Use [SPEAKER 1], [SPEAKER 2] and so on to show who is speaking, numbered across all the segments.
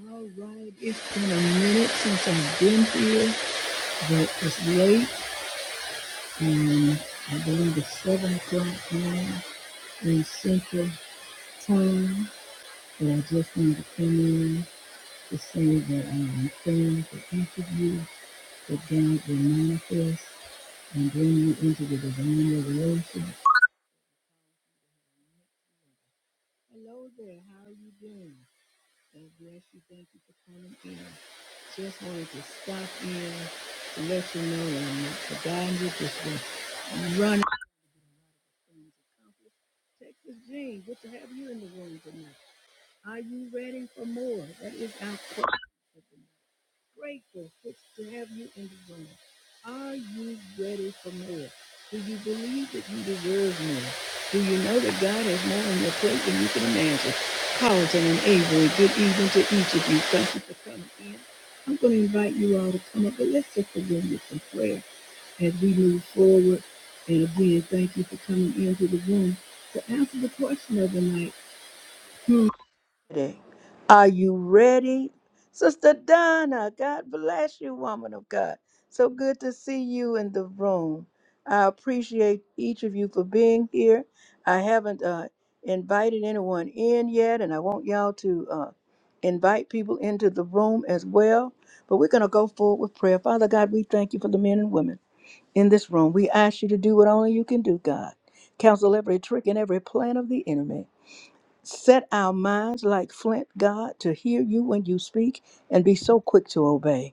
[SPEAKER 1] All right, it's been a minute since I've been here, but it's late, and I believe it's seven o'clock now in Central Time. But I just wanted to come in to say that I am praying for each of you that God will manifest and bring you into the divine revelation. Hello there, how are you doing? God bless you. Thank you for coming in. Just wanted to stop in to let you know that I'm not forgotten you. Just been running things accomplished. Texas Jean, good to have you in the room tonight. Are you ready for more? That is our question grateful to have you in the room. Are you ready for more? Do you believe that you deserve more? Do you know that God has more on your plate than you can imagine? Carlton and Avery, good evening to each of you. Thank you for coming in. I'm going to invite you all to come up, but let's just begin with some prayer as we move forward. And again, thank you for coming into the room to answer the question of the night. Hmm, ready? Are you ready? Sister Donna, God bless you, woman of God. So good to see you in the room. I appreciate each of you for being here. I haven't uh, invited anyone in yet, and I want y'all to uh, invite people into the room as well. But we're going to go forward with prayer. Father God, we thank you for the men and women in this room. We ask you to do what only you can do, God. Counsel every trick and every plan of the enemy. Set our minds like flint, God, to hear you when you speak and be so quick to obey.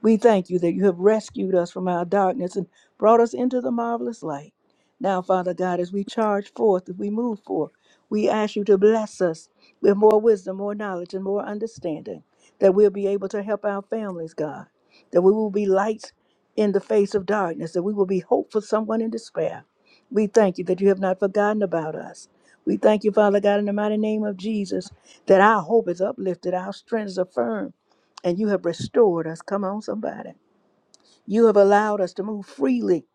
[SPEAKER 1] We thank you that you have rescued us from our darkness and brought us into the marvelous light. Now, Father God, as we charge forth, as we move forth, we ask you to bless us with more wisdom, more knowledge, and more understanding, that we'll be able to help our families, God, that we will be lights in the face of darkness, that we will be hope for someone in despair. We thank you that you have not forgotten about us. We thank you, Father God, in the mighty name of Jesus, that our hope is uplifted, our strength is affirmed and you have restored us. Come on, somebody. You have allowed us to move freely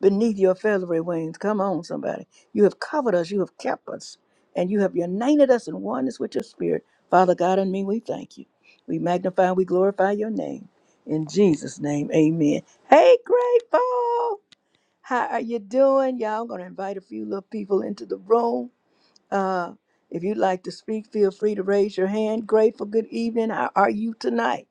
[SPEAKER 1] beneath your feathery wings. Come on, somebody. You have covered us, you have kept us, and you have united us in oneness with your spirit. Father God and me, we thank you. We magnify, we glorify your name. In Jesus' name, amen. Hey, grateful. How are you doing? Y'all, I'm going to invite a few little people into the room. Uh, if you'd like to speak, feel free to raise your hand. Grateful, good evening. How are you tonight?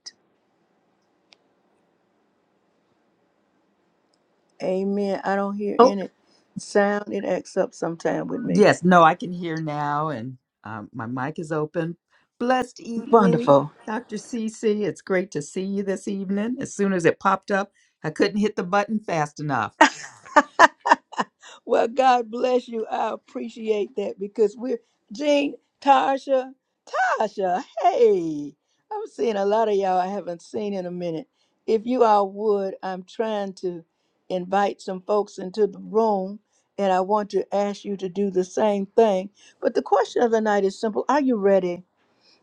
[SPEAKER 1] Amen. I don't hear
[SPEAKER 2] Oh,
[SPEAKER 1] any sound. It acts up sometime with me.
[SPEAKER 2] yes. No, I can hear now, and um, my mic is open. Blessed evening,
[SPEAKER 1] Wonderful.
[SPEAKER 2] Dr. Cece. It's great to see you this evening. As soon as it popped up, I couldn't hit the button fast enough.
[SPEAKER 1] Well, God bless you. I appreciate that because we're Jean, Tasha, Tasha. Hey, I'm seeing a lot of y'all I haven't seen in a minute. If you all would, I'm trying to invite some folks into the room, and I want to ask you to do the same thing. But the question of the night is simple: Are you ready?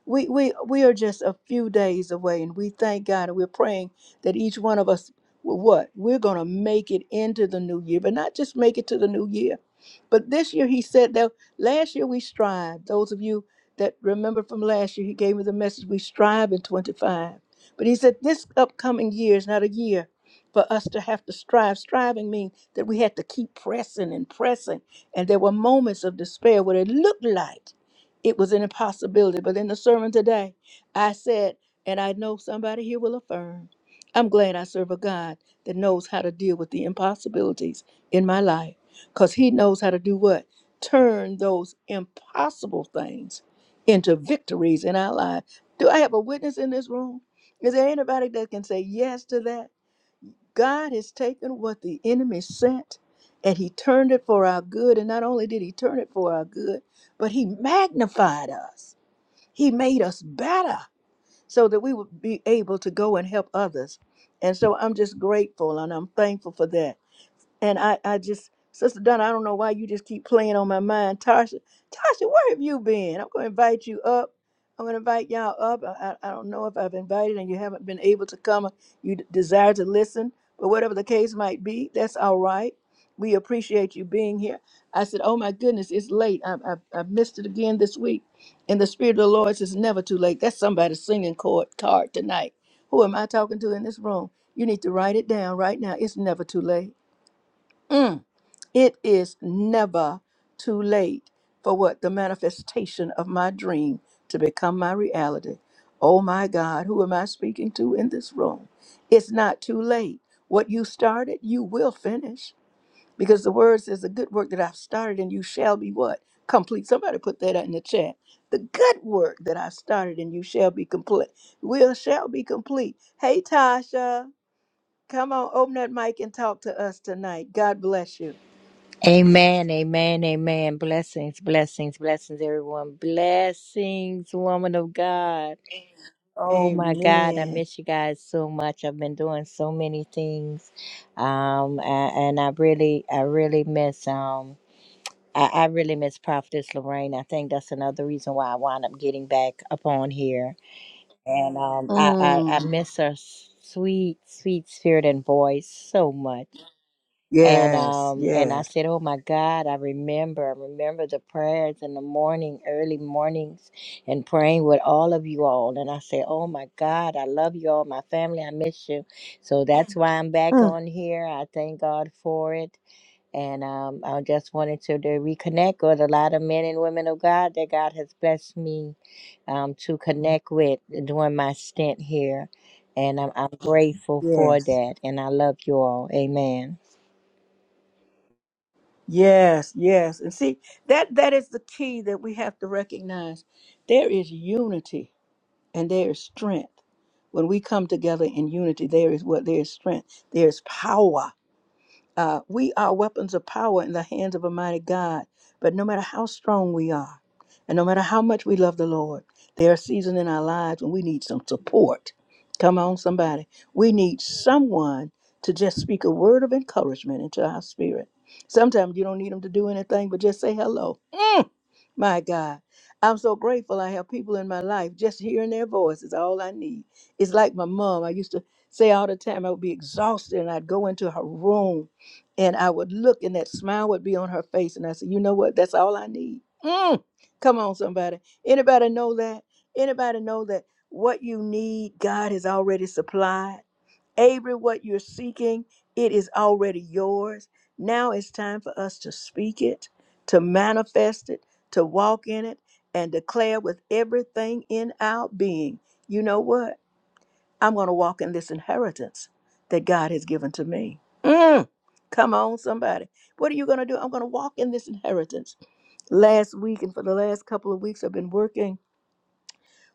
[SPEAKER 1] we we we are just a few days away and we thank God and we're praying that each one of us will what we're going to make it into the new year but not just make it to the new year but this year he said that last year we strived those of you that remember from last year he gave me the message we strive in 25 but he said this upcoming year is not a year for us to have to strive striving means that we had to keep pressing and pressing and there were moments of despair where it looked like it was an impossibility. But in the sermon today, I said, and I know somebody here will affirm, I'm glad I serve a God that knows how to deal with the impossibilities in my life because he knows how to do what? Turn those impossible things into victories in our life. Do I have a witness in this room? Is there anybody that can say yes to that? God has taken what the enemy sent and he turned it for our good. And not only did he turn it for our good, but he magnified us. He made us better so that we would be able to go and help others. And so I'm just grateful and I'm thankful for that. And I, I just, Sister Donna, I don't know why you just keep playing on my mind. Tasha, Tasha, where have you been? I'm going to invite you up. I'm going to invite y'all up. I, I, I don't know if I've invited and you haven't been able to come. You d- desire to listen, but whatever the case might be, that's all right. We appreciate you being here. I said, Oh my goodness, it's late. I, I, I missed it again this week. And the Spirit of the Lord says, Never too late. That's somebody's singing chord card tonight. Who am I talking to in this room? You need to write it down right now. It's never too late. Mm. It is never too late for what the manifestation of my dream to become my reality. Oh my God, who am I speaking to in this room? It's not too late. What you started, you will finish. Because the word says, the good work that I've started and you shall be what? Complete. Somebody put that out in the chat. The good work that I started and you shall be complete. Will shall be complete. Hey Tasha, come on, open that mic and talk to us tonight. God bless you.
[SPEAKER 3] Amen, amen, amen. Blessings, blessings, blessings, everyone. Blessings, woman of God. Oh my God, I
[SPEAKER 1] Amen.
[SPEAKER 3] miss you guys so much. I've been doing so many things, um, a- and I really, I really miss, um, I, I really miss Prophetess Lorraine. I think that's another reason why I wound up getting back up on here, and um, I, I, I
[SPEAKER 1] Mm.
[SPEAKER 3] miss her sweet, sweet spirit and voice so much. And
[SPEAKER 1] Yes,
[SPEAKER 3] um and I
[SPEAKER 1] yes.
[SPEAKER 3] said, "Oh my God, I remember. I remember the prayers in the morning, early mornings, and praying with all of you all." And I said, "Oh my God, I love you all, my family. I miss you." So that's why I'm back
[SPEAKER 1] Mm.
[SPEAKER 3] on here. I thank God for it. And um, I just wanted to, to reconnect with a lot of men and women of God that God has blessed me um, to connect with during my stint here. And I'm, I'm grateful for
[SPEAKER 1] Yes.
[SPEAKER 3] that. And I love you all. Amen.
[SPEAKER 1] Yes, yes. And see, that that is the key that we have to recognize. There is unity and there is strength. When we come together in unity, there is what there is strength. There is power. Uh, we are weapons of power in the hands of a mighty God. But no matter how strong we are, and no matter how much we love the Lord, there are seasons in our lives when we need some support. Come on, somebody. We need someone to just speak a word of encouragement into our spirit. Sometimes you don't need them to do anything, but just say hello. My God, I'm so grateful I have people in my life. Just hearing their voice is all I need. It's like my mom. I used to say all the time I would be exhausted and I'd go into her room and I would look and that smile would be on her face. And I said, you know what? That's all I need. Mm. Come on, somebody. Anybody know that? Anybody know that what you need, God has already supplied? Avery, what you're seeking, it is already yours. Now it's time for us to speak it, to manifest it, to walk in it, and declare with everything in our being, you know what? I'm going to walk in this inheritance that God has given to me. Mm, come on, somebody. What are you going to do? I'm going to walk in this inheritance. Last week and for the last couple of weeks, I've been working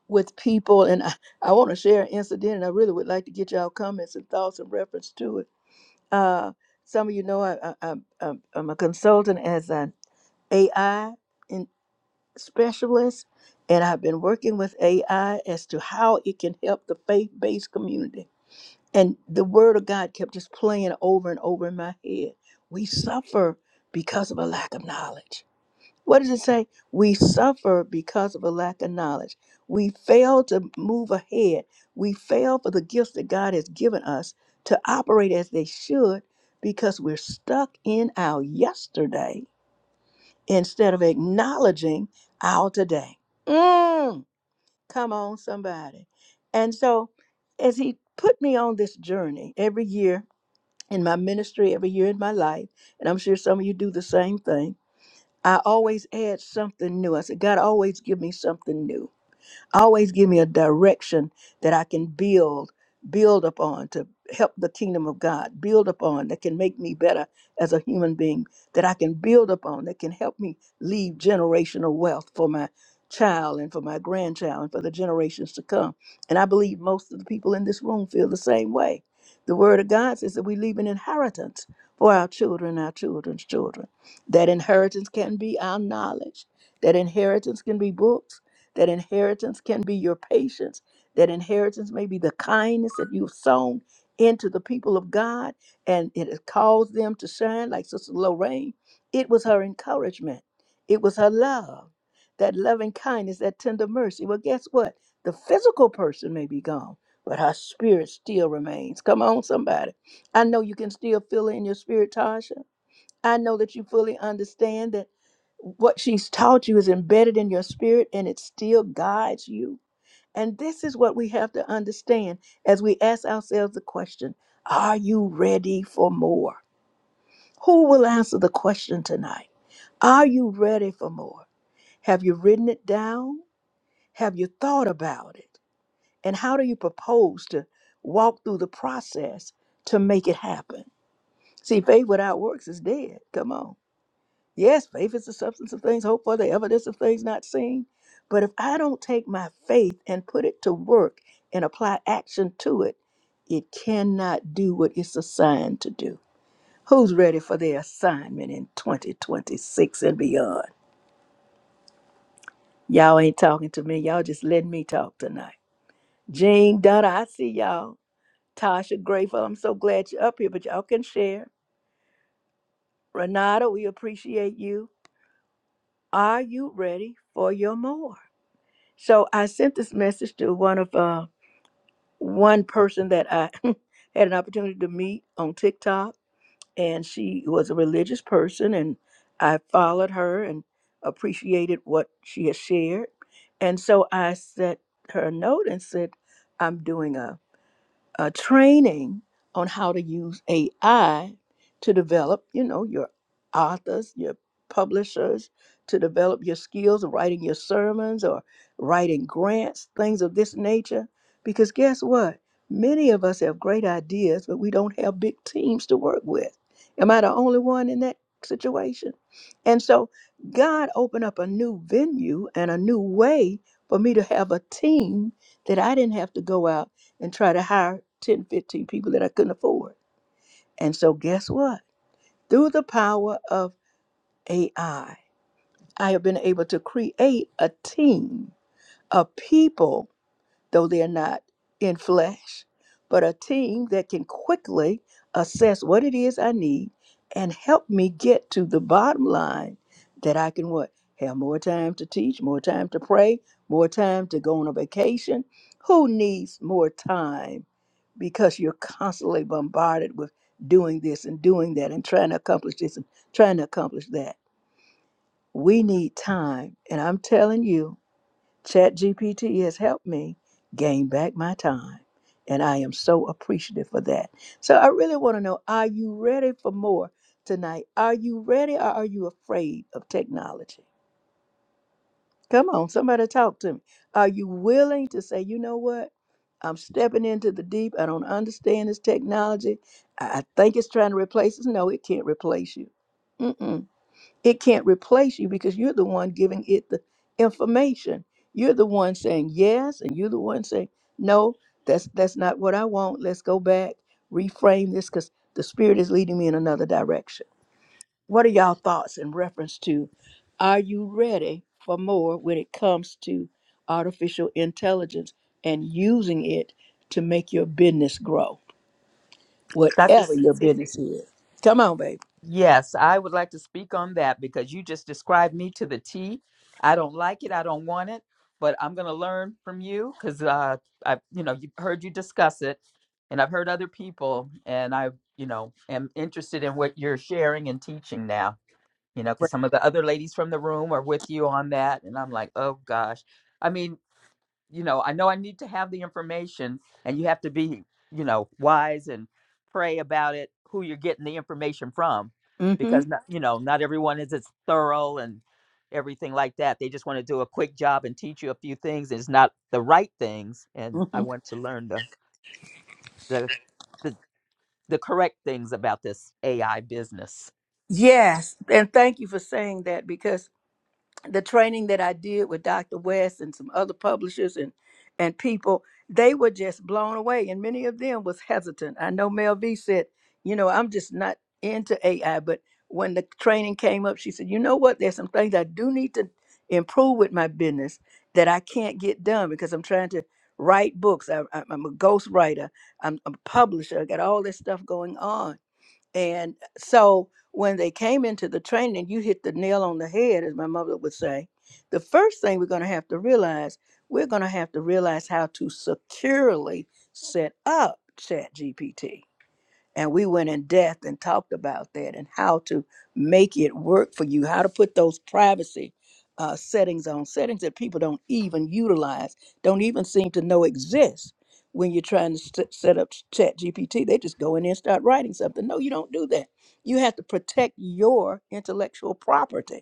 [SPEAKER 1] with people, and I, I want to share an incident, and I really would like to get y'all comments and thoughts in reference to it uh, some of you know I, I, I'm, I'm a consultant as an AI in specialist, and I've been working with AI as to how it can help the faith based community. And the word of God kept just playing over and over in my head. We suffer because of a lack of knowledge what does it say? We suffer because of a lack of knowledge. We fail to move ahead. We fail for the gifts that God has given us to operate as they should because we're stuck in our yesterday instead of acknowledging our today. Mm, come on, somebody. And so, as He put me on this journey every year in my ministry, every year in my life, and I'm sure some of you do the same thing I always add something new. I said, God always give me something new. Always give me a direction that I can build, build upon to help the kingdom of God, build upon that can make me better as a human being, that I can build upon, that can help me leave generational wealth for my child and for my grandchild and for the generations to come. And I believe most of the people in this room feel the same way. The word of God says that we leave an inheritance for our children, our children's children. That inheritance can be our knowledge. That inheritance can be books. That inheritance can be your patience. That inheritance may be the kindness that you've sown into the people of God and it has caused them to shine, like Sister Lorraine. It was her encouragement, it was her love, that loving kindness, that tender mercy. Well, guess what? The physical person may be gone, but her spirit still remains. Come on, somebody. I know you can still feel it in your spirit, Tasha. I know that you fully understand that what she's taught you is embedded in your spirit and it still guides you. And this is what we have to understand as we ask ourselves the question Are you ready for more? Who will answer the question tonight? Are you ready for more? Have you written it down? Have you thought about it? And how do you propose to walk through the process to make it happen? See, faith without works is dead. Come on. Yes, faith is the substance of things hoped for, the evidence of things not seen. But if I don't take my faith and put it to work and apply action to it, it cannot do what it's assigned to do. Who's ready for their assignment in 2026 and beyond? Y'all ain't talking to me. Y'all just letting me talk tonight. Jean, Donna, I see y'all. Tasha, grateful. I'm so glad you're up here, but y'all can share. Renata, we appreciate you. Are you ready for your more? So I sent this message to one of uh one person that I had an opportunity to meet on TikTok and she was a religious person and I followed her and appreciated what she had shared. And so I sent her a note and said, I'm doing a uh, training on how to use AI to develop, you know, your authors, your publishers, to develop your skills of writing your sermons or writing grants, things of this nature. Because guess what? Many of us have great ideas, but we don't have big teams to work with. Am I the only one in that situation? And so God opened up a new venue and a new way for me to have a team that I didn't have to go out and try to hire 10, 15 people that I couldn't afford. And so, guess what? Through the power of AI, I I have been able to create a team of people though they're not in flesh, but a team that can quickly assess what it is I need and help me get to the bottom line that I can what? Have more time to teach, more time to pray, more time to go on a vacation. Who needs more time? Because you're constantly bombarded with doing this and doing that and trying to accomplish this and trying to accomplish that. We need time. And I'm telling you, ChatGPT has helped me gain back my time. And I am so appreciative for that. So I really want to know are you ready for more tonight? Are you ready or are you afraid of technology? Come on, somebody talk to me. Are you willing to say, you know what? I'm stepping into the deep. I don't understand this technology. I I think it's trying to replace us. No, it can't replace you. Mm-mm. It can't replace you because you're the one giving it the information. You're the one saying yes, and you're the one saying no. That's that's not what I want. Let's go back, reframe this, because the spirit is leading me in another direction. What are y'all thoughts in reference to? Are you ready for more when it comes to artificial intelligence and using it to make your business grow,
[SPEAKER 2] Dr.
[SPEAKER 1] whatever your
[SPEAKER 2] Cynthia?
[SPEAKER 1] business is? Come on, baby.
[SPEAKER 2] Yes, I would like to speak on that because you just described me to the T. I don't like it. I don't want it, but I'm going to learn from you because uh, I've, you know, you heard you discuss it, and I've heard other people, and I, you know, am interested in what you're sharing and teaching now. you know, because some of the other ladies from the room are with you on that. And I'm like, oh gosh. I mean, you know, I know I need to have the information and you have to be, you know, wise and pray about it, who you're getting the information from, because,
[SPEAKER 1] Mm-hmm.
[SPEAKER 2] not, you know, not everyone is as thorough and everything like that. They just want to do a quick job and teach you a few things. It's not the right things. And I want to learn the, the, the, the correct things about this AI business.
[SPEAKER 1] Yes, and thank you for saying that because the training that I did with Dr. West and some other publishers and and people, they were just blown away, and many of them was hesitant. I know Mel V said, you know, I'm just not into AI, but when the training came up, she said, you know what? There's some things I do need to improve with my business that I can't get done because I'm trying to write books. I, I'm I'm a ghostwriter. I'm a publisher. I got all this stuff going on and so when they came into the training, you hit the nail on the head, as my mother would say. The first thing we're going to have to realize, we're going to have to realize how to securely set up ChatGPT and we went in depth and talked about that and how to make it work for you, how to put those privacy uh, settings on, settings that people don't even utilize, don't even seem to know exist when you're trying to st- set up Chat GPT. They just go in there and start writing something. No, you don't do that. You have to protect your intellectual property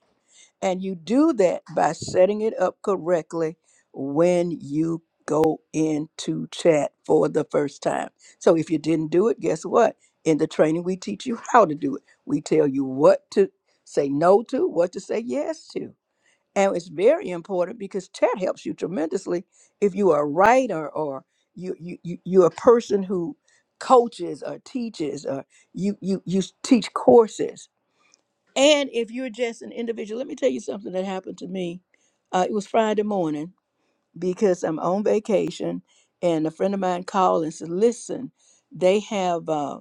[SPEAKER 1] and you do that by setting it up correctly when you go into chat for the first time. So if you didn't do it, guess what? In the training, we teach you how to do it. We tell you what to say no to, what to say yes to. And it's very important because chat helps you tremendously if you are a writer or you, you, you, you're a person who coaches or teaches or you, you, you teach courses and if you're just an individual, let me tell you something that happened to me. Uh, it was Friday morning because I'm on vacation, and a friend of mine called and said, "Listen, they have." uh,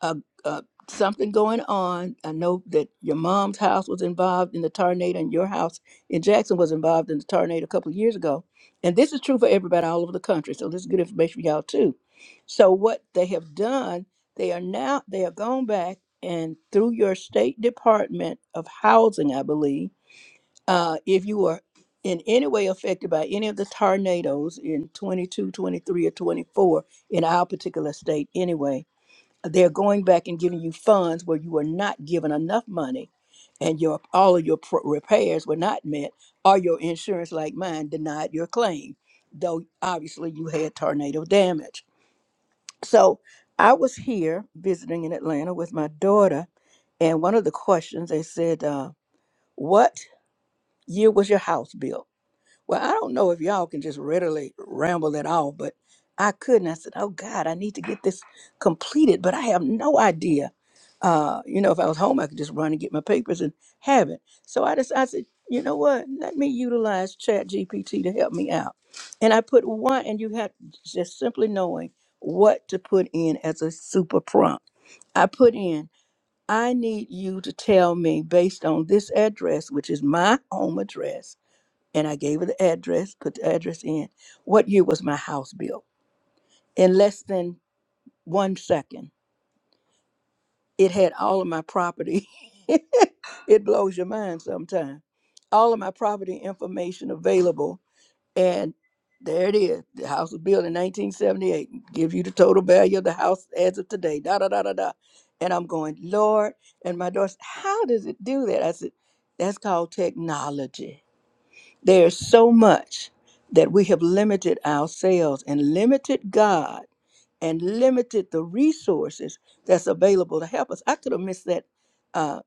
[SPEAKER 1] uh, uh, something going on. I know that your mom's house was involved in the tornado, and your house in Jackson was involved in the tornado a couple of years ago. And this is true for everybody all over the country. So this is good information for y'all too. So what they have done, they are now they are gone back and through your state department of housing, I believe, uh, if you were in any way affected by any of the tornadoes in 22, 23, or 24 in our particular state anyway, they're going back and giving you funds where you were not given enough money and your all of your pro- repairs were not met or your insurance like mine denied your claim though obviously you had tornado damage so i was here visiting in atlanta with my daughter and one of the questions they said uh, what year was your house built well, I don't know if y'all can just readily ramble at all, but I couldn't. I said, "Oh God, I need to get this completed," but I have no idea. Uh, you know, if I was home, I could just run and get my papers and have it. So I just, I said, you know what? Let me utilize Chat GPT to help me out. And I put one, and you have just simply knowing what to put in as a super prompt. I put in, I need you to tell me based on this address, which is my home address and I gave her the address, put the address in. What year was my house built? In less than one second, it had all of my property. it blows your mind sometimes. All of my property information available, and there it is. The house was built in 1978. Give you the total value of the house as of today. Da da da da da. And I'm going, Lord, and my daughter, said, how does it do that? I said, that's called technology. There's so much that we have limited ourselves and limited God and limited the resources that's available to help us. I could have missed that uh,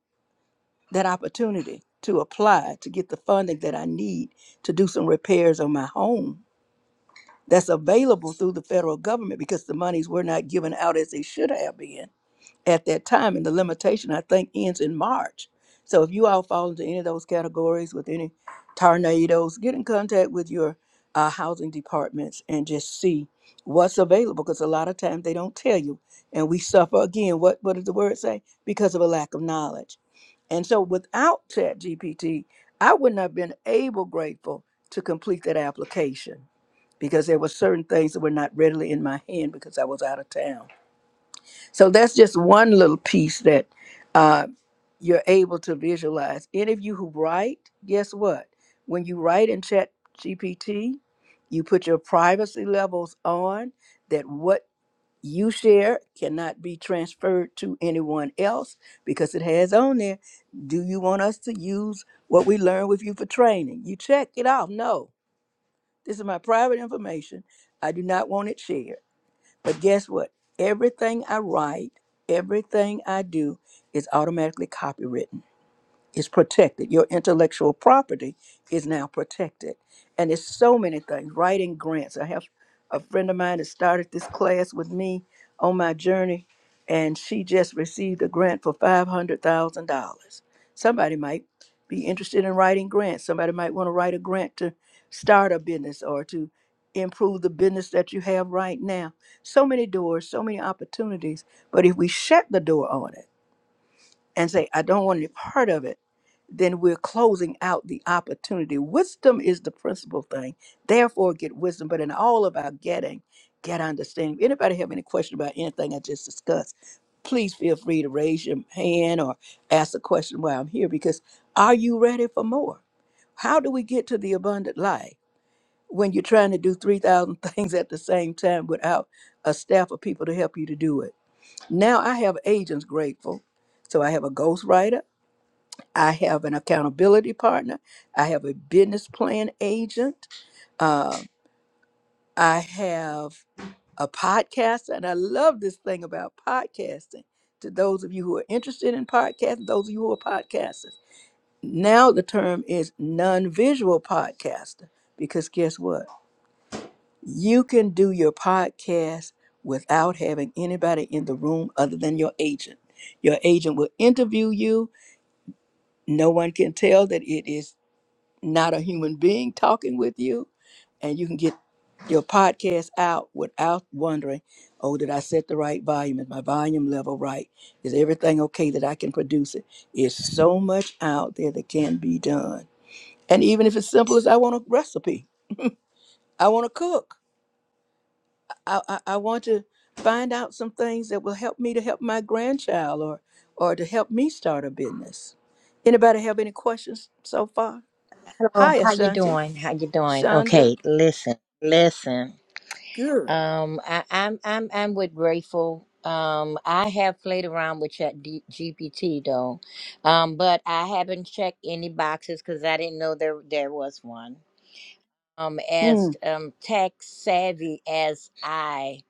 [SPEAKER 1] that opportunity to apply to get the funding that I need to do some repairs on my home that's available through the federal government because the monies were not given out as they should have been at that time. And the limitation, I think, ends in March. So if you all fall into any of those categories with any tornadoes, get in contact with your uh, housing departments and just see what's available because a lot of times they don't tell you. And we suffer again, what, what does the word say? Because of a lack of knowledge. And so without ChatGPT, I wouldn't have been able, grateful, to complete that application because there were certain things that were not readily in my hand because I was out of town. So that's just one little piece that uh, you're able to visualize. Any of you who write, guess what? When you write in Chat GPT, you put your privacy levels on that what you share cannot be transferred to anyone else because it has on there. Do you want us to use what we learned with you for training? You check it off. No, this is my private information. I do not want it shared. But guess what? Everything I write, everything I do is automatically copywritten is protected. Your intellectual property is now protected. And it's so many things. Writing grants. I have a friend of mine that started this class with me on my journey, and she just received a grant for $500,000. Somebody might be interested in writing grants. Somebody might want to write a grant to start a business or to improve the business that you have right now. So many doors, so many opportunities. But if we shut the door on it, and say, I don't want any part of it, then we're closing out the opportunity. Wisdom is the principal thing. Therefore, get wisdom. But in all about getting, get understanding. If anybody have any question about anything I just discussed, please feel free to raise your hand or ask a question while I'm here because are you ready for more? How do we get to the abundant life when you're trying to do 3,000 things at the same time without a staff of people to help you to do it? Now I have agents grateful. So I have a ghostwriter, I have an accountability partner, I have a business plan agent, uh, I have a podcast, and I love this thing about podcasting. To those of you who are interested in podcasting, those of you who are podcasters, now the term is non visual podcaster because guess what? You can do your podcast without having anybody in the room other than your agent. Your agent will interview you. No one can tell that it is not a human being talking with you. And you can get your podcast out without wondering oh, did I set the right volume? Is my volume level right? Is everything okay that I can produce it? It's so much out there that can be done. And even if it's simple as I want a recipe, I want to cook. I, I, I want to find out some things that will help me to help my grandchild or or to help me start a business. Anybody have any questions so far?
[SPEAKER 3] Hello,
[SPEAKER 1] Hi,
[SPEAKER 3] how you
[SPEAKER 1] Ashanti.
[SPEAKER 3] doing? How you doing?
[SPEAKER 1] Shonda.
[SPEAKER 3] Okay, listen, listen.
[SPEAKER 1] Good.
[SPEAKER 3] Um, I, I'm I'm I'm with grateful. Um, I have played around with Chat D- GPT though, um, but I haven't checked any boxes because I didn't know there there was one. Um, as
[SPEAKER 1] Hmm.
[SPEAKER 3] um tech savvy as I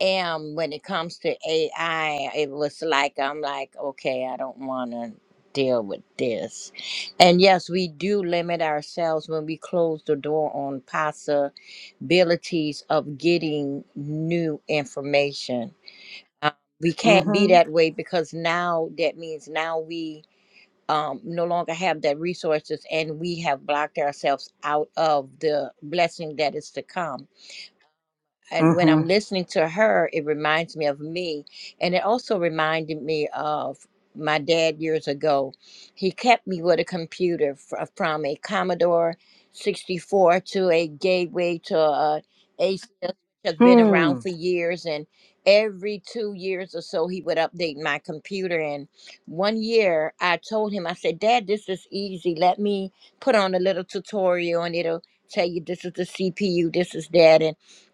[SPEAKER 3] am when it comes to AI, it was like I'm like okay, I don't want to deal with this. And yes, we do limit ourselves when we close the door on PASA abilities of getting new information. Um, we can't be
[SPEAKER 1] Mm-hmm.
[SPEAKER 3] that way because now that means now we um, no longer have that resources and we have blocked ourselves out of the blessing that is to come and when I'm listening to her, it reminds me of me. And it also reminded me of my dad years ago. He kept me with a computer fr- uh, from a Commodore 64 to a Gateway to uh, a ACS, which has been around
[SPEAKER 1] Mm-hmm.
[SPEAKER 3] for years. And every two years or so, he would update my computer. And one year, I told him, I said, Dad, this is easy. Let me put on a little tutorial and it'll tell you this is the CPU, this is that. And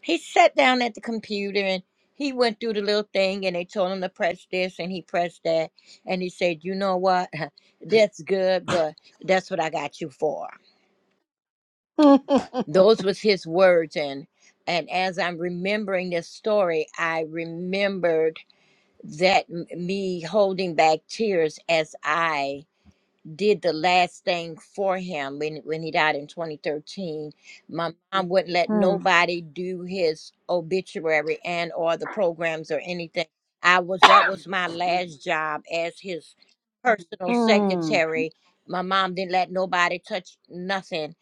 [SPEAKER 3] he sat down at the computer and he went through the little thing and they told him to press this and he pressed that and he said you know what that's good but that's what i got you for
[SPEAKER 1] Hmm.
[SPEAKER 3] those was his words and and as i'm remembering this story i remembered that m- me holding back tears as i did the last thing for him when when he died in 2013 my mom wouldn't let
[SPEAKER 1] Hmm.
[SPEAKER 3] nobody do his obituary and or the programs or anything i was that was my last job as his personal
[SPEAKER 1] Hmm. Hmm.
[SPEAKER 3] secretary my mom didn't let nobody touch nothing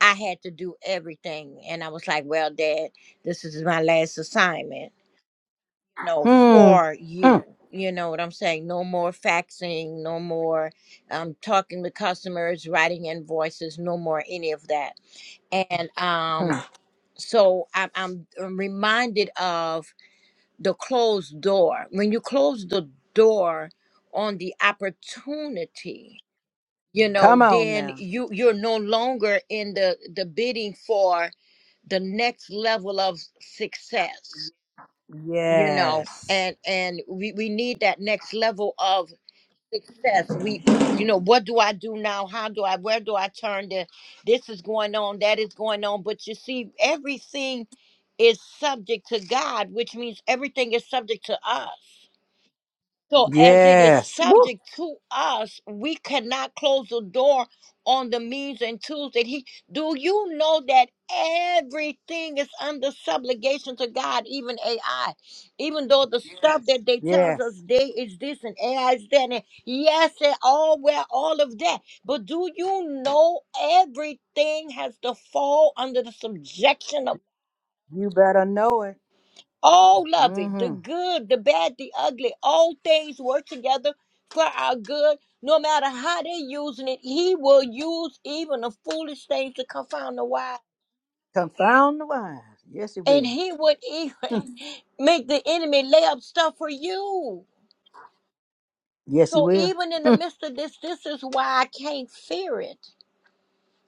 [SPEAKER 3] i had to do everything and i was like well dad this is my last assignment know,
[SPEAKER 1] Hmm.
[SPEAKER 3] for you. You know what I'm saying? No more faxing, no more um, talking to customers, writing invoices, no more any of that. And
[SPEAKER 1] Mm-hmm.
[SPEAKER 3] um, so I'm, I'm I'm reminded of the closed door. When you close the door on the opportunity, you
[SPEAKER 1] Come
[SPEAKER 3] know,
[SPEAKER 1] on
[SPEAKER 3] then
[SPEAKER 1] now.
[SPEAKER 3] you you're no longer in the the bidding for the next level of success you know
[SPEAKER 1] Yes.
[SPEAKER 3] and and we we need that next level of success we you know what do i do now how do i where do i turn to this is going on that is going on but you see everything is subject to god which means everything is subject to us so, as it is
[SPEAKER 1] Yes. Woo.
[SPEAKER 3] subject to us, we cannot close the door on the means and tools that He. Do you know that everything is under subligation to God, even AI? Even though the stuff that they tells us
[SPEAKER 1] Yes.
[SPEAKER 3] they is this and AI is that, and yes, and all well, all of that. But do you know everything has to fall under the subjection of
[SPEAKER 1] You better know it.
[SPEAKER 3] all of it the
[SPEAKER 1] Mm-hmm.
[SPEAKER 3] good, the bad, the ugly, all things work together for our good. No matter how they're using it, He will use even the foolish things to confound the wise.
[SPEAKER 1] Confound the wise. Yes, it
[SPEAKER 3] And
[SPEAKER 1] will.
[SPEAKER 3] He would even make the enemy lay up stuff for you.
[SPEAKER 1] Yes, he
[SPEAKER 3] So
[SPEAKER 1] will.
[SPEAKER 3] even in the
[SPEAKER 1] Mm,
[SPEAKER 3] midst of this, this is why I can't fear it.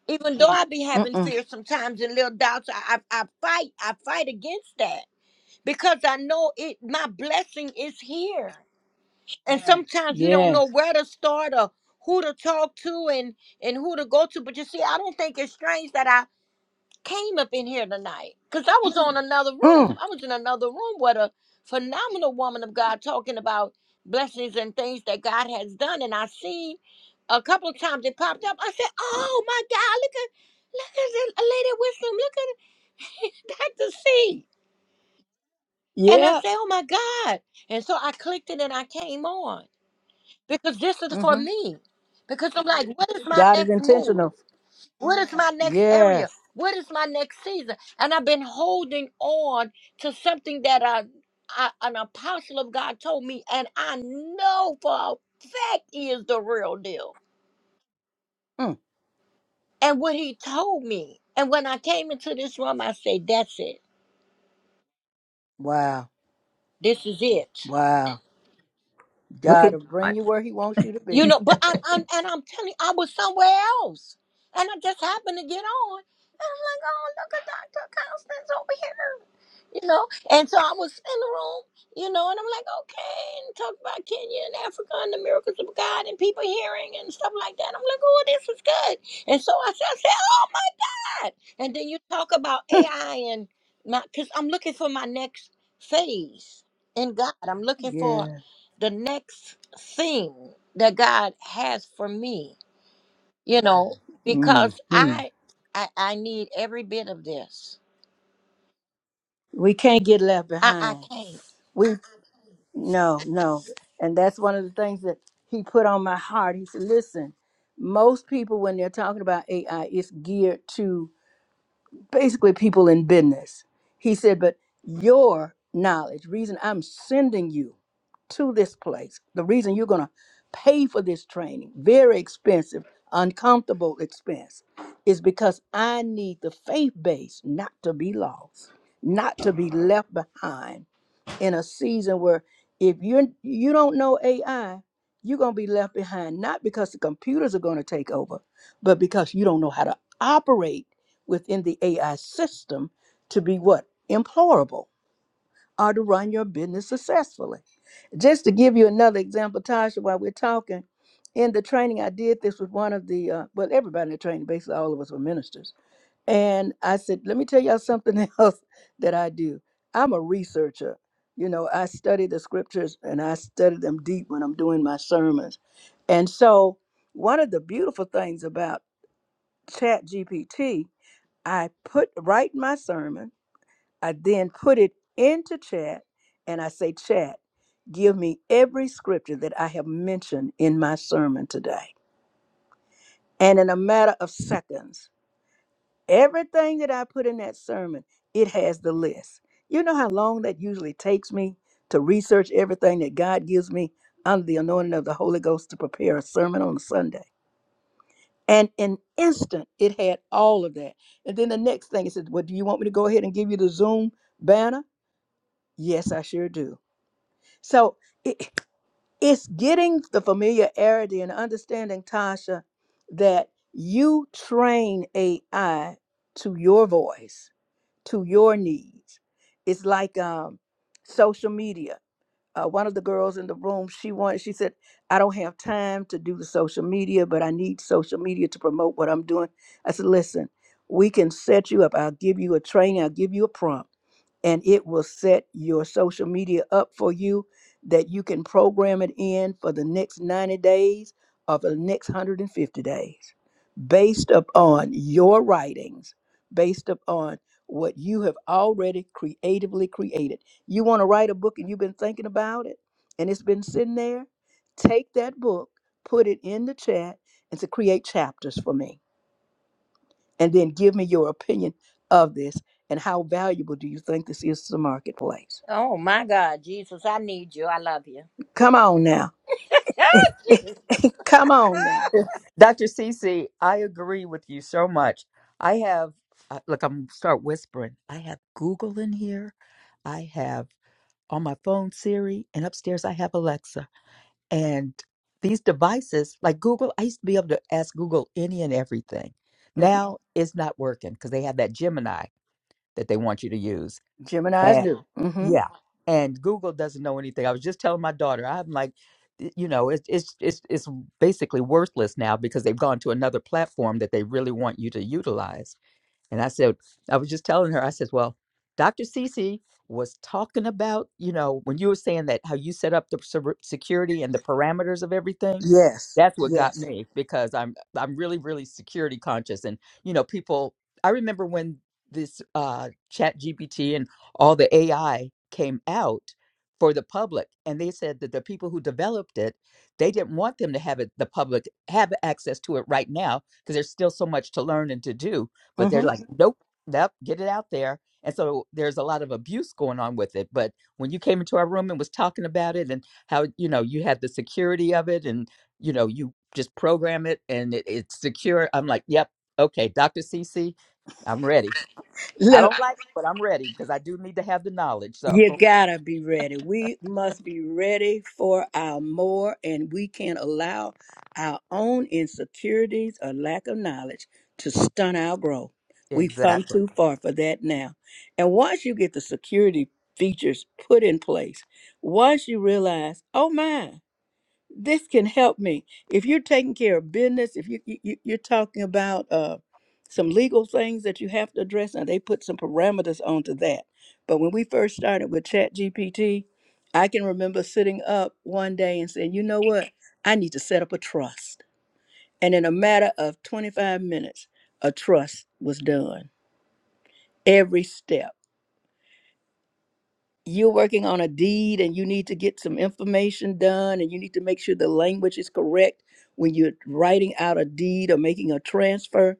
[SPEAKER 3] Even though I be having
[SPEAKER 1] Mm-mm.
[SPEAKER 3] fear sometimes and little doubts, I, I, I fight, I fight against that because I know it. My blessing is here. and Yeah. sometimes we don't
[SPEAKER 1] Yes.
[SPEAKER 3] know where to start or who to talk to and and who to go to but you see i don't think it's strange that i came up in here tonight because i was on another room
[SPEAKER 1] Mm.
[SPEAKER 3] i was in another room with a phenomenal woman of god talking about blessings and things that god has done and i seen a couple of times it popped up i said oh my god look at look at the lady wisdom look at dr c and i
[SPEAKER 1] Yeah.
[SPEAKER 3] said oh my god and so i clicked it and i came on because this is for
[SPEAKER 1] Mm-hmm.
[SPEAKER 3] me. Because I'm like, what is my
[SPEAKER 1] God is
[SPEAKER 3] next move?
[SPEAKER 1] intentional.
[SPEAKER 3] What is my next
[SPEAKER 1] Yes.
[SPEAKER 3] area? What is my next season? And I've been holding on to something that I, I an apostle of God told me, and I know for a fact he is the real deal.
[SPEAKER 1] Mm.
[SPEAKER 3] And what he told me, and when I came into this room, I said, "That's it.
[SPEAKER 1] Wow.
[SPEAKER 3] This is it."
[SPEAKER 1] Wow.
[SPEAKER 2] Look
[SPEAKER 1] God
[SPEAKER 2] at
[SPEAKER 1] will bring
[SPEAKER 2] God.
[SPEAKER 1] you where he wants you to be.
[SPEAKER 3] You know, but I'm, I'm and I'm telling you, I was somewhere else, and I just happened to get on, and I'm like, "Oh, look at Doctor Constance over here." you know. And so I was in the room, you know, and I'm like, okay, and talk about Kenya and Africa and the miracles of God and people hearing and stuff like that. I'm like, oh, this is good. And so I said, I said oh my God. And then you talk about
[SPEAKER 1] Mm.
[SPEAKER 3] AI and my, because I'm looking for my next phase in God. I'm looking for
[SPEAKER 1] Yeah.
[SPEAKER 3] the next thing that God has for me, you know, because
[SPEAKER 1] Mm-hmm.
[SPEAKER 3] I, I, I need every bit of this.
[SPEAKER 1] We can't get left
[SPEAKER 3] I, I
[SPEAKER 1] behind.
[SPEAKER 3] can't.
[SPEAKER 1] We no, no. And that's one of the things that he put on my heart. He said, listen, most people when they're talking about AI, it's geared to basically people in business. He said, but your knowledge, reason I'm sending you to this place, the reason you're going to pay for this training, very expensive, uncomfortable expense, is because I need the faith base not to be lost, not to be left behind in a season where if you you don't know AI, you're gonna be left behind, not because the computers are gonna take over, but because you don't know how to operate within the AI system to be what? Employable or to run your business successfully. Just to give you another example, Tasha, while we're talking, in the training I did this with one of the uh, well, everybody in the training, basically all of us were ministers and I said, let me tell y'all something else that I do. I'm a researcher. You know, I study the scriptures and I study them deep when I'm doing my sermons. And so, one of the beautiful things about Chat GPT, I put write my sermon, I then put it into chat, and I say, Chat, give me every scripture that I have mentioned in my sermon today. And in a matter of seconds, Everything that I put in that sermon, it has the list. You know how long that usually takes me to research everything that God gives me under the anointing of the Holy Ghost to prepare a sermon on a Sunday. And in instant, it had all of that. And then the next thing it says, Well, do you want me to go ahead and give you the Zoom banner? Yes, I sure do. So it, it's getting the familiarity and understanding, Tasha, that you train AI to your voice to your needs. It's like um, social media uh, one of the girls in the room she wanted she said i don't have time to do the social media but i need social media to promote what i'm doing i said listen we can set you up i'll give you a training i'll give you a prompt and it will set your social media up for you that you can program it in for the next 90 days or for the next 150 days based upon your writings based upon what you have already creatively created you want to write a book and you've been thinking about it and it's been sitting there? Take that book, put it in the chat, and to create chapters for me. And then give me your opinion of this and how valuable do you think this is to the marketplace?
[SPEAKER 3] Oh my God, Jesus, I need you. I love you.
[SPEAKER 1] Come on now.
[SPEAKER 3] Jesus.
[SPEAKER 1] Come on now.
[SPEAKER 2] Dr. Cece, I agree with you so much. I have, uh, look, I'm start whispering. I have Google in here. I have on my phone Siri, and upstairs I have Alexa. And these devices, like Google, I used to be able to ask Google any and everything.
[SPEAKER 1] Mhm.
[SPEAKER 2] Now it's not working because they have that Gemini that they want you to use.
[SPEAKER 1] Gemini's
[SPEAKER 2] And
[SPEAKER 1] new. hmm
[SPEAKER 2] yeah, and Google doesn't know anything. I was just telling my daughter, I'm like, y- you know, it's it's it's it's basically worthless now because they've gone to another platform that they really want you to utilize. And I said, I was just telling her, I said, well, Dr. Cece was talking about, you know, when you were saying that, how you set up the ser- security and the parameters of everything.
[SPEAKER 1] Yes.
[SPEAKER 2] That's what got
[SPEAKER 1] Yes.
[SPEAKER 2] me because I'm I'm really really security conscious and you know people I remember when this uh chat GPT and all the AI came out for the public and they said that the people who developed it they didn't want them to have it the public have access to it right now because there's still so much to learn and to do but they're
[SPEAKER 1] hmm
[SPEAKER 2] like, Mhm. nope, nope, get it out there. And so there's a lot of abuse going on with it. But when you came into our room and was talking about it and how, you know, you had the security of it and, you know, you just program it and it, it's secure, I'm like, yep, okay, Dr. Cece, I'm ready. I don't like it, but I'm ready because I do need to have the knowledge. So,
[SPEAKER 1] You gotta be ready. We must be ready for our more, and we can't allow our own insecurities or lack of knowledge to stunt our growth. We've come
[SPEAKER 2] exactly.
[SPEAKER 1] too far for that now. And once you get the security features put in place, once you realize, oh my, this can help me. If you're taking care of business, if you, you you- you're talking about uh, some legal things that you have to address, and they put some parameters onto that. But when we first started with Chat GPT, I can remember sitting up one day and saying, "You know what? I need to set up a trust." And in a matter of 25 minutes, a trust was done. Every step. you're working on a deed and you need to get some information done and you need to make sure the language is correct when you're writing out a deed or making a transfer,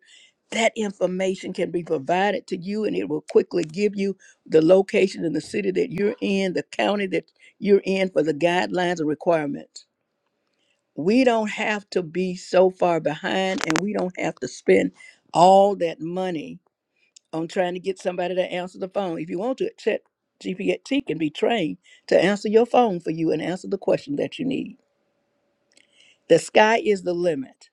[SPEAKER 1] that information can be provided to you and it will quickly give you the location in the city that you're in, the county that you're in for the guidelines and requirements. We don't have to be so far behind and we don't have to spend all that money on trying to get somebody to answer the phone. If you want to, Chat GPT can be trained to answer your phone for you and answer the question that you need. The sky is the limit,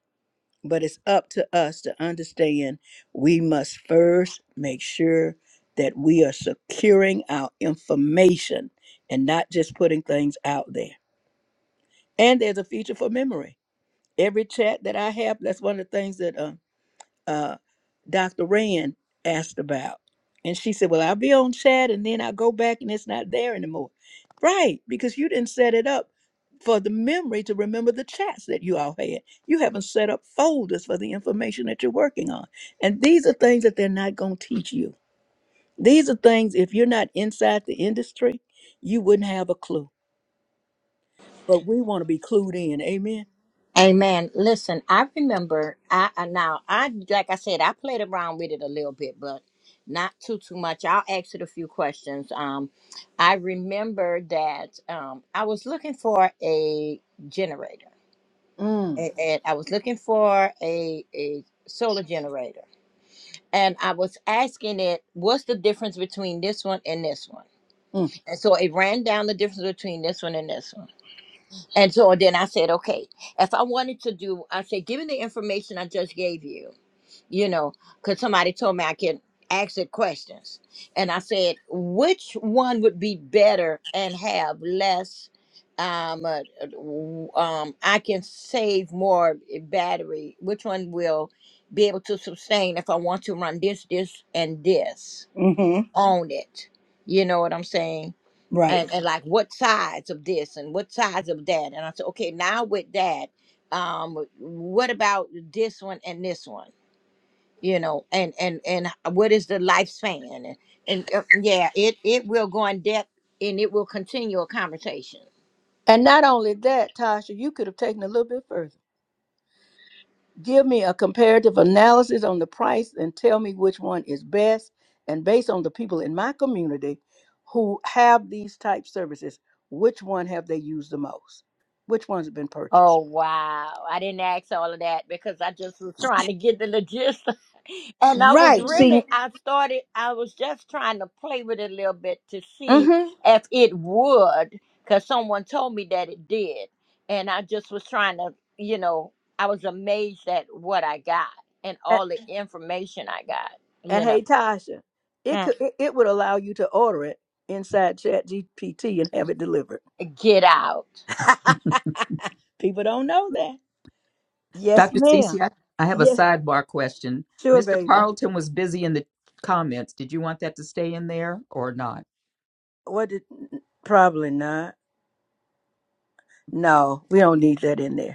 [SPEAKER 1] but it's up to us to understand we must first make sure that we are securing our information and not just putting things out there. And there's a feature for memory. Every chat that I have, that's one of the things that uh, uh, Dr. Rand asked about. And she said, Well, I'll be on chat and then i go back and it's not there anymore. Right, because you didn't set it up for the memory to remember the chats that you all had. You haven't set up folders for the information that you're working on. And these are things that they're not going to teach you. These are things, if you're not inside the industry, you wouldn't have a clue. But we want to be clued in. Amen.
[SPEAKER 3] Amen. Listen, I remember. I I- now I like I said, I played around with it a little bit, but not too too much. I'll ask it a few questions. Um, I remember that um, I was looking for a generator,
[SPEAKER 1] Mm,
[SPEAKER 3] A- and I was looking for a a solar generator. And I was asking it, what's the difference between this one and this one?
[SPEAKER 1] mm,
[SPEAKER 3] And so it ran down the difference between this one and this one. And so then I said, okay, if I wanted to do, I said, given the information I just gave you, you know, because somebody told me I can ask it questions. And I said, which one would be better and have less? Um, uh, w- um, I can save more battery. Which one will be able to sustain if I want to run this, this, and this
[SPEAKER 1] Mm-hmm.
[SPEAKER 3] on it? You know what I'm saying?
[SPEAKER 1] right.
[SPEAKER 3] and, and like what sides of this and what sides of that and i said okay now with that um what about this one and this one you know and and and what is the lifespan and and uh, yeah it it will go in depth and it will continue a conversation
[SPEAKER 1] And not only that, Tasha, you could have taken it a little bit further Give me a comparative analysis on the price and tell me which one is best. And based on the people in my community who have these type services, which one have they used the most? Which ones have been
[SPEAKER 3] Oh
[SPEAKER 1] purchased?
[SPEAKER 3] wow. I didn't ask all of that because I just was trying to get the logistics. And I was Mhm.
[SPEAKER 1] Right. See,
[SPEAKER 3] really I started I was just trying to play with it a little bit to see
[SPEAKER 1] Mm-hmm.
[SPEAKER 3] if it would cuz someone told me that it did. And I just was trying to, you know, I was amazed at what I got and
[SPEAKER 1] And,
[SPEAKER 3] all the Mhm. information I got,
[SPEAKER 1] and
[SPEAKER 3] you know.
[SPEAKER 1] hey, Tasha, it
[SPEAKER 3] Mm.
[SPEAKER 1] could it, it would allow you to order it inside Chat GPT and have it delivered.
[SPEAKER 3] Get out.
[SPEAKER 1] People don't know that. Yes,
[SPEAKER 2] Dr. Cece,
[SPEAKER 1] ma'am.
[SPEAKER 2] I, I have a
[SPEAKER 1] Yes,
[SPEAKER 2] sidebar question.
[SPEAKER 1] sure,
[SPEAKER 2] Mr.
[SPEAKER 1] baby.
[SPEAKER 2] Carlton was busy in the comments. Did you want that to stay in there or not?
[SPEAKER 1] What did? Probably not. No, we don't need that in there.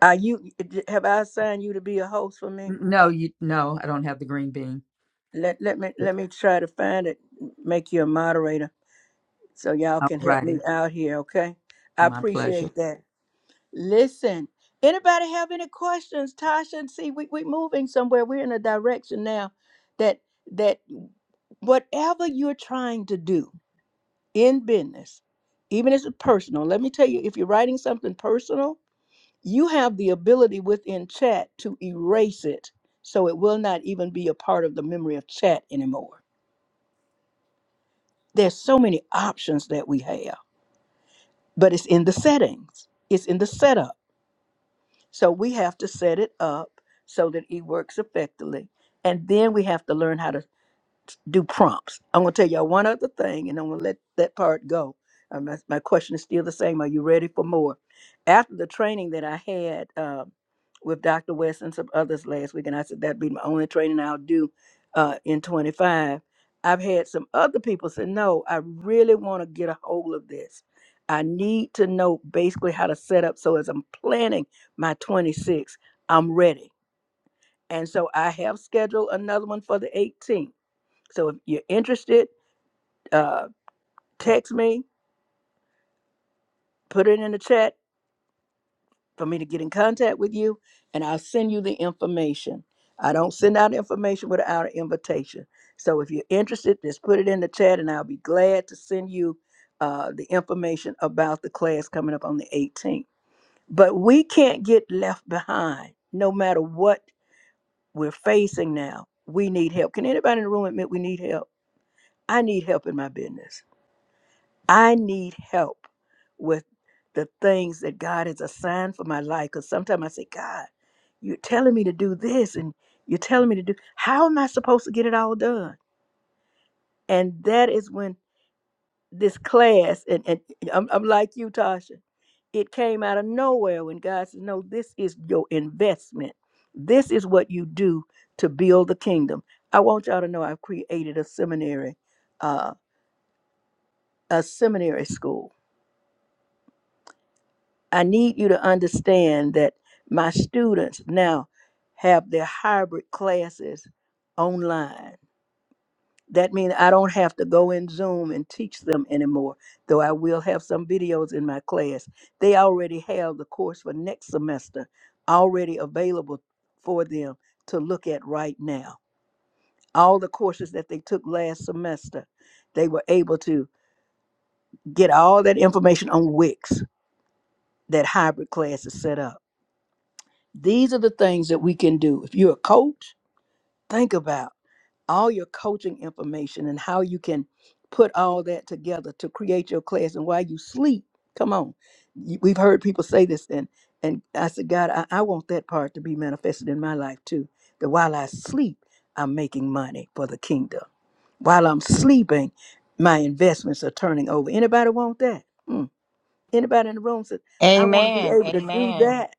[SPEAKER 1] Are you have I assigned you to be a host for me?
[SPEAKER 2] No, you no, I don't have the green bean.
[SPEAKER 1] Let let me let me try to find it, make you a moderator so y'all can help me
[SPEAKER 2] Alrighty,
[SPEAKER 1] out here, okay? I
[SPEAKER 2] my pleasure.
[SPEAKER 1] appreciate that. Listen, anybody have any questions? Tasha, see we we moving somewhere. We're in a direction now that that whatever you're trying to do in business, even if it's personal, let me tell you, if you're writing something personal, you have the ability within chat to erase it so it will not even be a part of the memory of chat anymore there's so many options that we have but it's in the settings it's in the setup so we have to set it up so that it works effectively and then we have to learn how to do prompts. I'm going to tell y'all one other thing, and I'm going to let that part go. Um, my, my question is still the same. Are you ready for more? After the training that I had um with Dr. West and some others last week, and I said that'd be my only training I'll do uh, in 25. I've had some other people say, "No, I really want to get a hold of this. I need to know basically how to set up so as I'm planning my 26, I'm ready." And so I have scheduled another one for the 18th so if you're interested, uh, text me, put it in the chat for me to get in contact with you, and I'll send you the information. I don't send out information without an invitation. So if you're interested, just put it in the chat, and I'll be glad to send you uh, the information about the class coming up on the 18th. But we can't get left behind no matter what we're facing now. We need help. Can anybody in the room admit we need help? I need help in my business. I need help with the things that God has assigned for my life. Because sometimes I say, God, you're telling me to do this and you're telling me to do, how am I supposed to get it all done? And that is when this class, and, and I'm, I'm like you, Tasha, it came out of nowhere when God said, No, this is your investment. This is what you do to build the kingdom. I want y'all to know I've created a seminary, uh, a seminary school I need you to understand that my students now have their hybrid classes online. That means I don't have to go in Zoom and teach them anymore, though I will have some videos in my class. They already have the course for next semester already available for them to look at right now. All the courses that they took last semester, they were able to get all that information on Wix that hybrid class is set up. These are the things that we can do. If you're a coach, think about all your coaching information and how you can put all that together to create your class. And while you sleep, come on. You- We've heard people say this, and and I said, God, I, I want that part to be manifested in my life too. That while I sleep, I'm making money for the kingdom. While I'm sleeping, my investments are turning over. Anybody want that? Mm. Anybody in the room says, I want to be
[SPEAKER 3] Amen.
[SPEAKER 1] able to do
[SPEAKER 3] Amen.
[SPEAKER 1] that.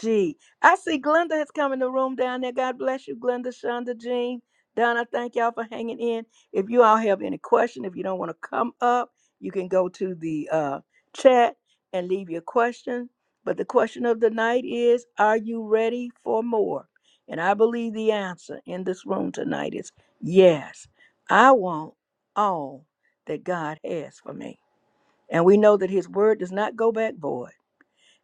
[SPEAKER 1] Gee, I see Glenda has come in the room down there. God bless you, Glenda, Shonda, Jean, Donna. Thank y'all for hanging in. If you all have any question, if you don't want to come up, you can go to the uh, chat and leave your question. But the question of the night is, are you ready for more? And I believe the answer in this room tonight is yes. I want all that God has for me. And we know that his word does not go back void.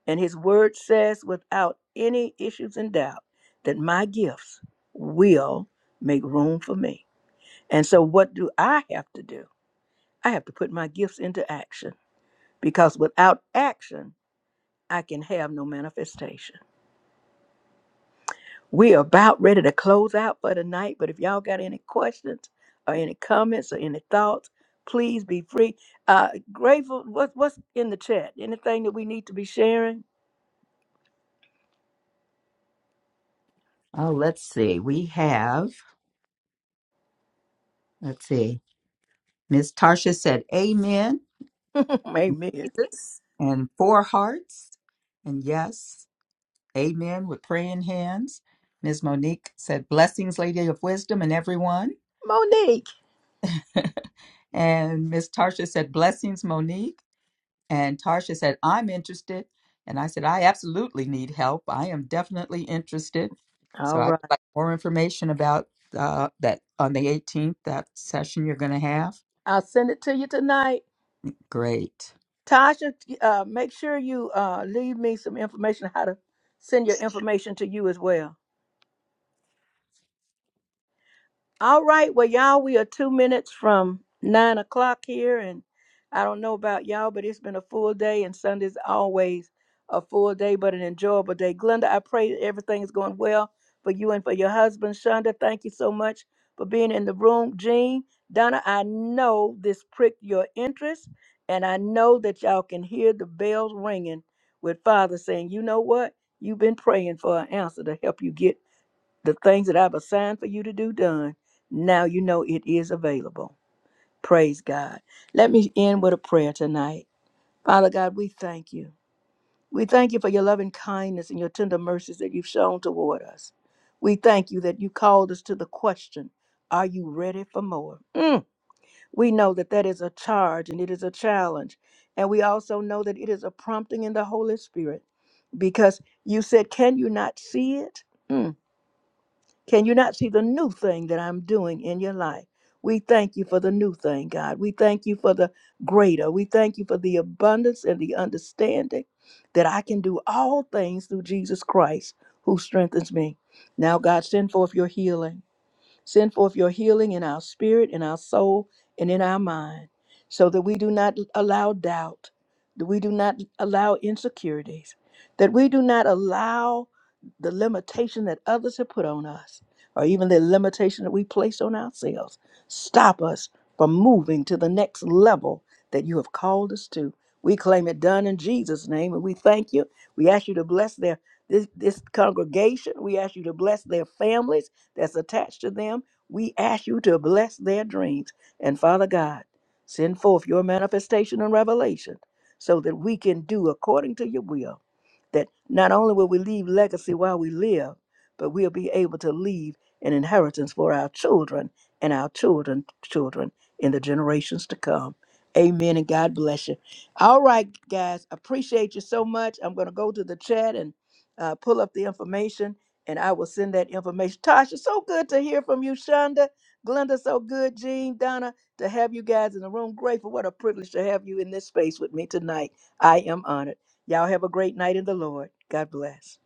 [SPEAKER 1] And his word says, without any issues and doubt, that my gifts will make room for me. And so, what do I have to do? I have to put my gifts into action because without action, I can have no manifestation. We are about ready to close out for the night, but if y'all got any questions or any comments or any thoughts, please be free. Uh, grateful, what, what's in the chat? Anything that we need to be sharing?
[SPEAKER 2] Oh, let's see. We have let's see. Miss Tarsha said, "Amen,
[SPEAKER 1] Amen.
[SPEAKER 2] Jesus," and four hearts, and yes, Amen with praying hands. Miss Monique said, "Blessings, Lady of Wisdom, and everyone."
[SPEAKER 1] Monique.
[SPEAKER 2] And Miss Tarsha said, "Blessings, Monique." And Tarsha said, I'm interested. And I said, I absolutely need help. I am definitely interested. So
[SPEAKER 1] All
[SPEAKER 2] I would
[SPEAKER 1] right.
[SPEAKER 2] like more information about uh, that on the 18th, that session you're going to have.
[SPEAKER 1] I'll send it to you tonight.
[SPEAKER 2] Great.
[SPEAKER 1] Tasha, uh, make sure you uh, leave me some information how to send your information to you as well. All right. Well, y'all, we are two minutes from nine o'clock here. And I don't know about y'all, but it's been a full day, and Sunday's always a full day, but an enjoyable day. Glenda, I pray that everything is going well for you and for your husband. Shonda, thank you so much for being in the room. Jean, Donna, I know this pricked your interest, and I know that y'all can hear the bells ringing with Father saying, you know what? You've been praying for an answer to help you get the things that I've assigned for you to do done, now you know it is available. Praise God. Let me end with a prayer tonight. Father God, we thank you. We thank you for your loving kindness and your tender mercies that you've shown toward us. We thank you that you called us to the question, are you ready for more? Mm. We know that that is a charge and it is a challenge. And we also know that it is a prompting in the Holy Spirit because you said, can you not see it? Mm. Can you not see the new thing that I'm doing in your life? We thank you for the new thing, God. We thank you for the greater. We thank you for the abundance and the understanding that I can do all things through Jesus Christ who strengthens me. Now, God, send forth your healing. Send forth your healing in our spirit, in our soul, and in our mind, so that we do not allow doubt, that we do not allow insecurities, that we do not allow the limitation that others have put on us, or even the limitation that we place on ourselves, stop us from moving to the next level that you have called us to. We claim it done in Jesus' name, and we thank you. We ask you to bless their this, this congregation. We ask you to bless their families that's attached to them, we ask you to bless their dreams. And Father God, send forth your manifestation and revelation so that we can do according to your will. That not only will we leave legacy while we live, but we'll be able to leave an inheritance for our children and our children children in the generations to come. Amen and God bless you. All right, guys, appreciate you so much. I'm going to go to the chat and uh, pull up the information and I will send that information. Tasha, so good to hear from you, Shonda. Glenda, so good. Jean, Donna, to have you guys in the room. Grateful. What a privilege to have you in this space with me tonight. I am honored. Y'all have a great night in the Lord. God bless.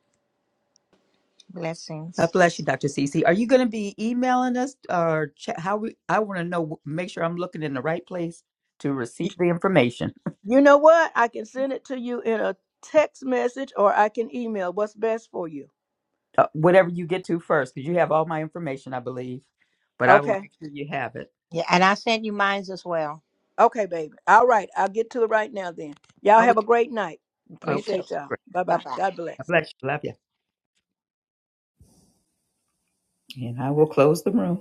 [SPEAKER 2] God
[SPEAKER 3] Blessings.
[SPEAKER 2] bless you, Dr. Cece. Are you going to be emailing us or ch- how we? I want to know, make sure I'm looking in the right place to receive
[SPEAKER 1] You,
[SPEAKER 2] the information.
[SPEAKER 1] you know what? I can send it to you in a text message or I can email. What's best for you?
[SPEAKER 2] Uh, whatever you get to first, because you have all my information, I believe, but I will
[SPEAKER 1] Okay.
[SPEAKER 2] make sure you have it.
[SPEAKER 3] Yeah, and I sent you mines as well.
[SPEAKER 1] Okay, baby. All right. I'll get to it right now then. Y'all
[SPEAKER 2] Oh,
[SPEAKER 1] have a
[SPEAKER 2] we-
[SPEAKER 1] great night.
[SPEAKER 3] You
[SPEAKER 2] okay.
[SPEAKER 3] too.
[SPEAKER 1] Appreciate y'all.
[SPEAKER 2] Great.
[SPEAKER 1] Bye bye.
[SPEAKER 3] Bye-bye.
[SPEAKER 1] God bless.
[SPEAKER 2] God bless you. Love you. And I will close the room.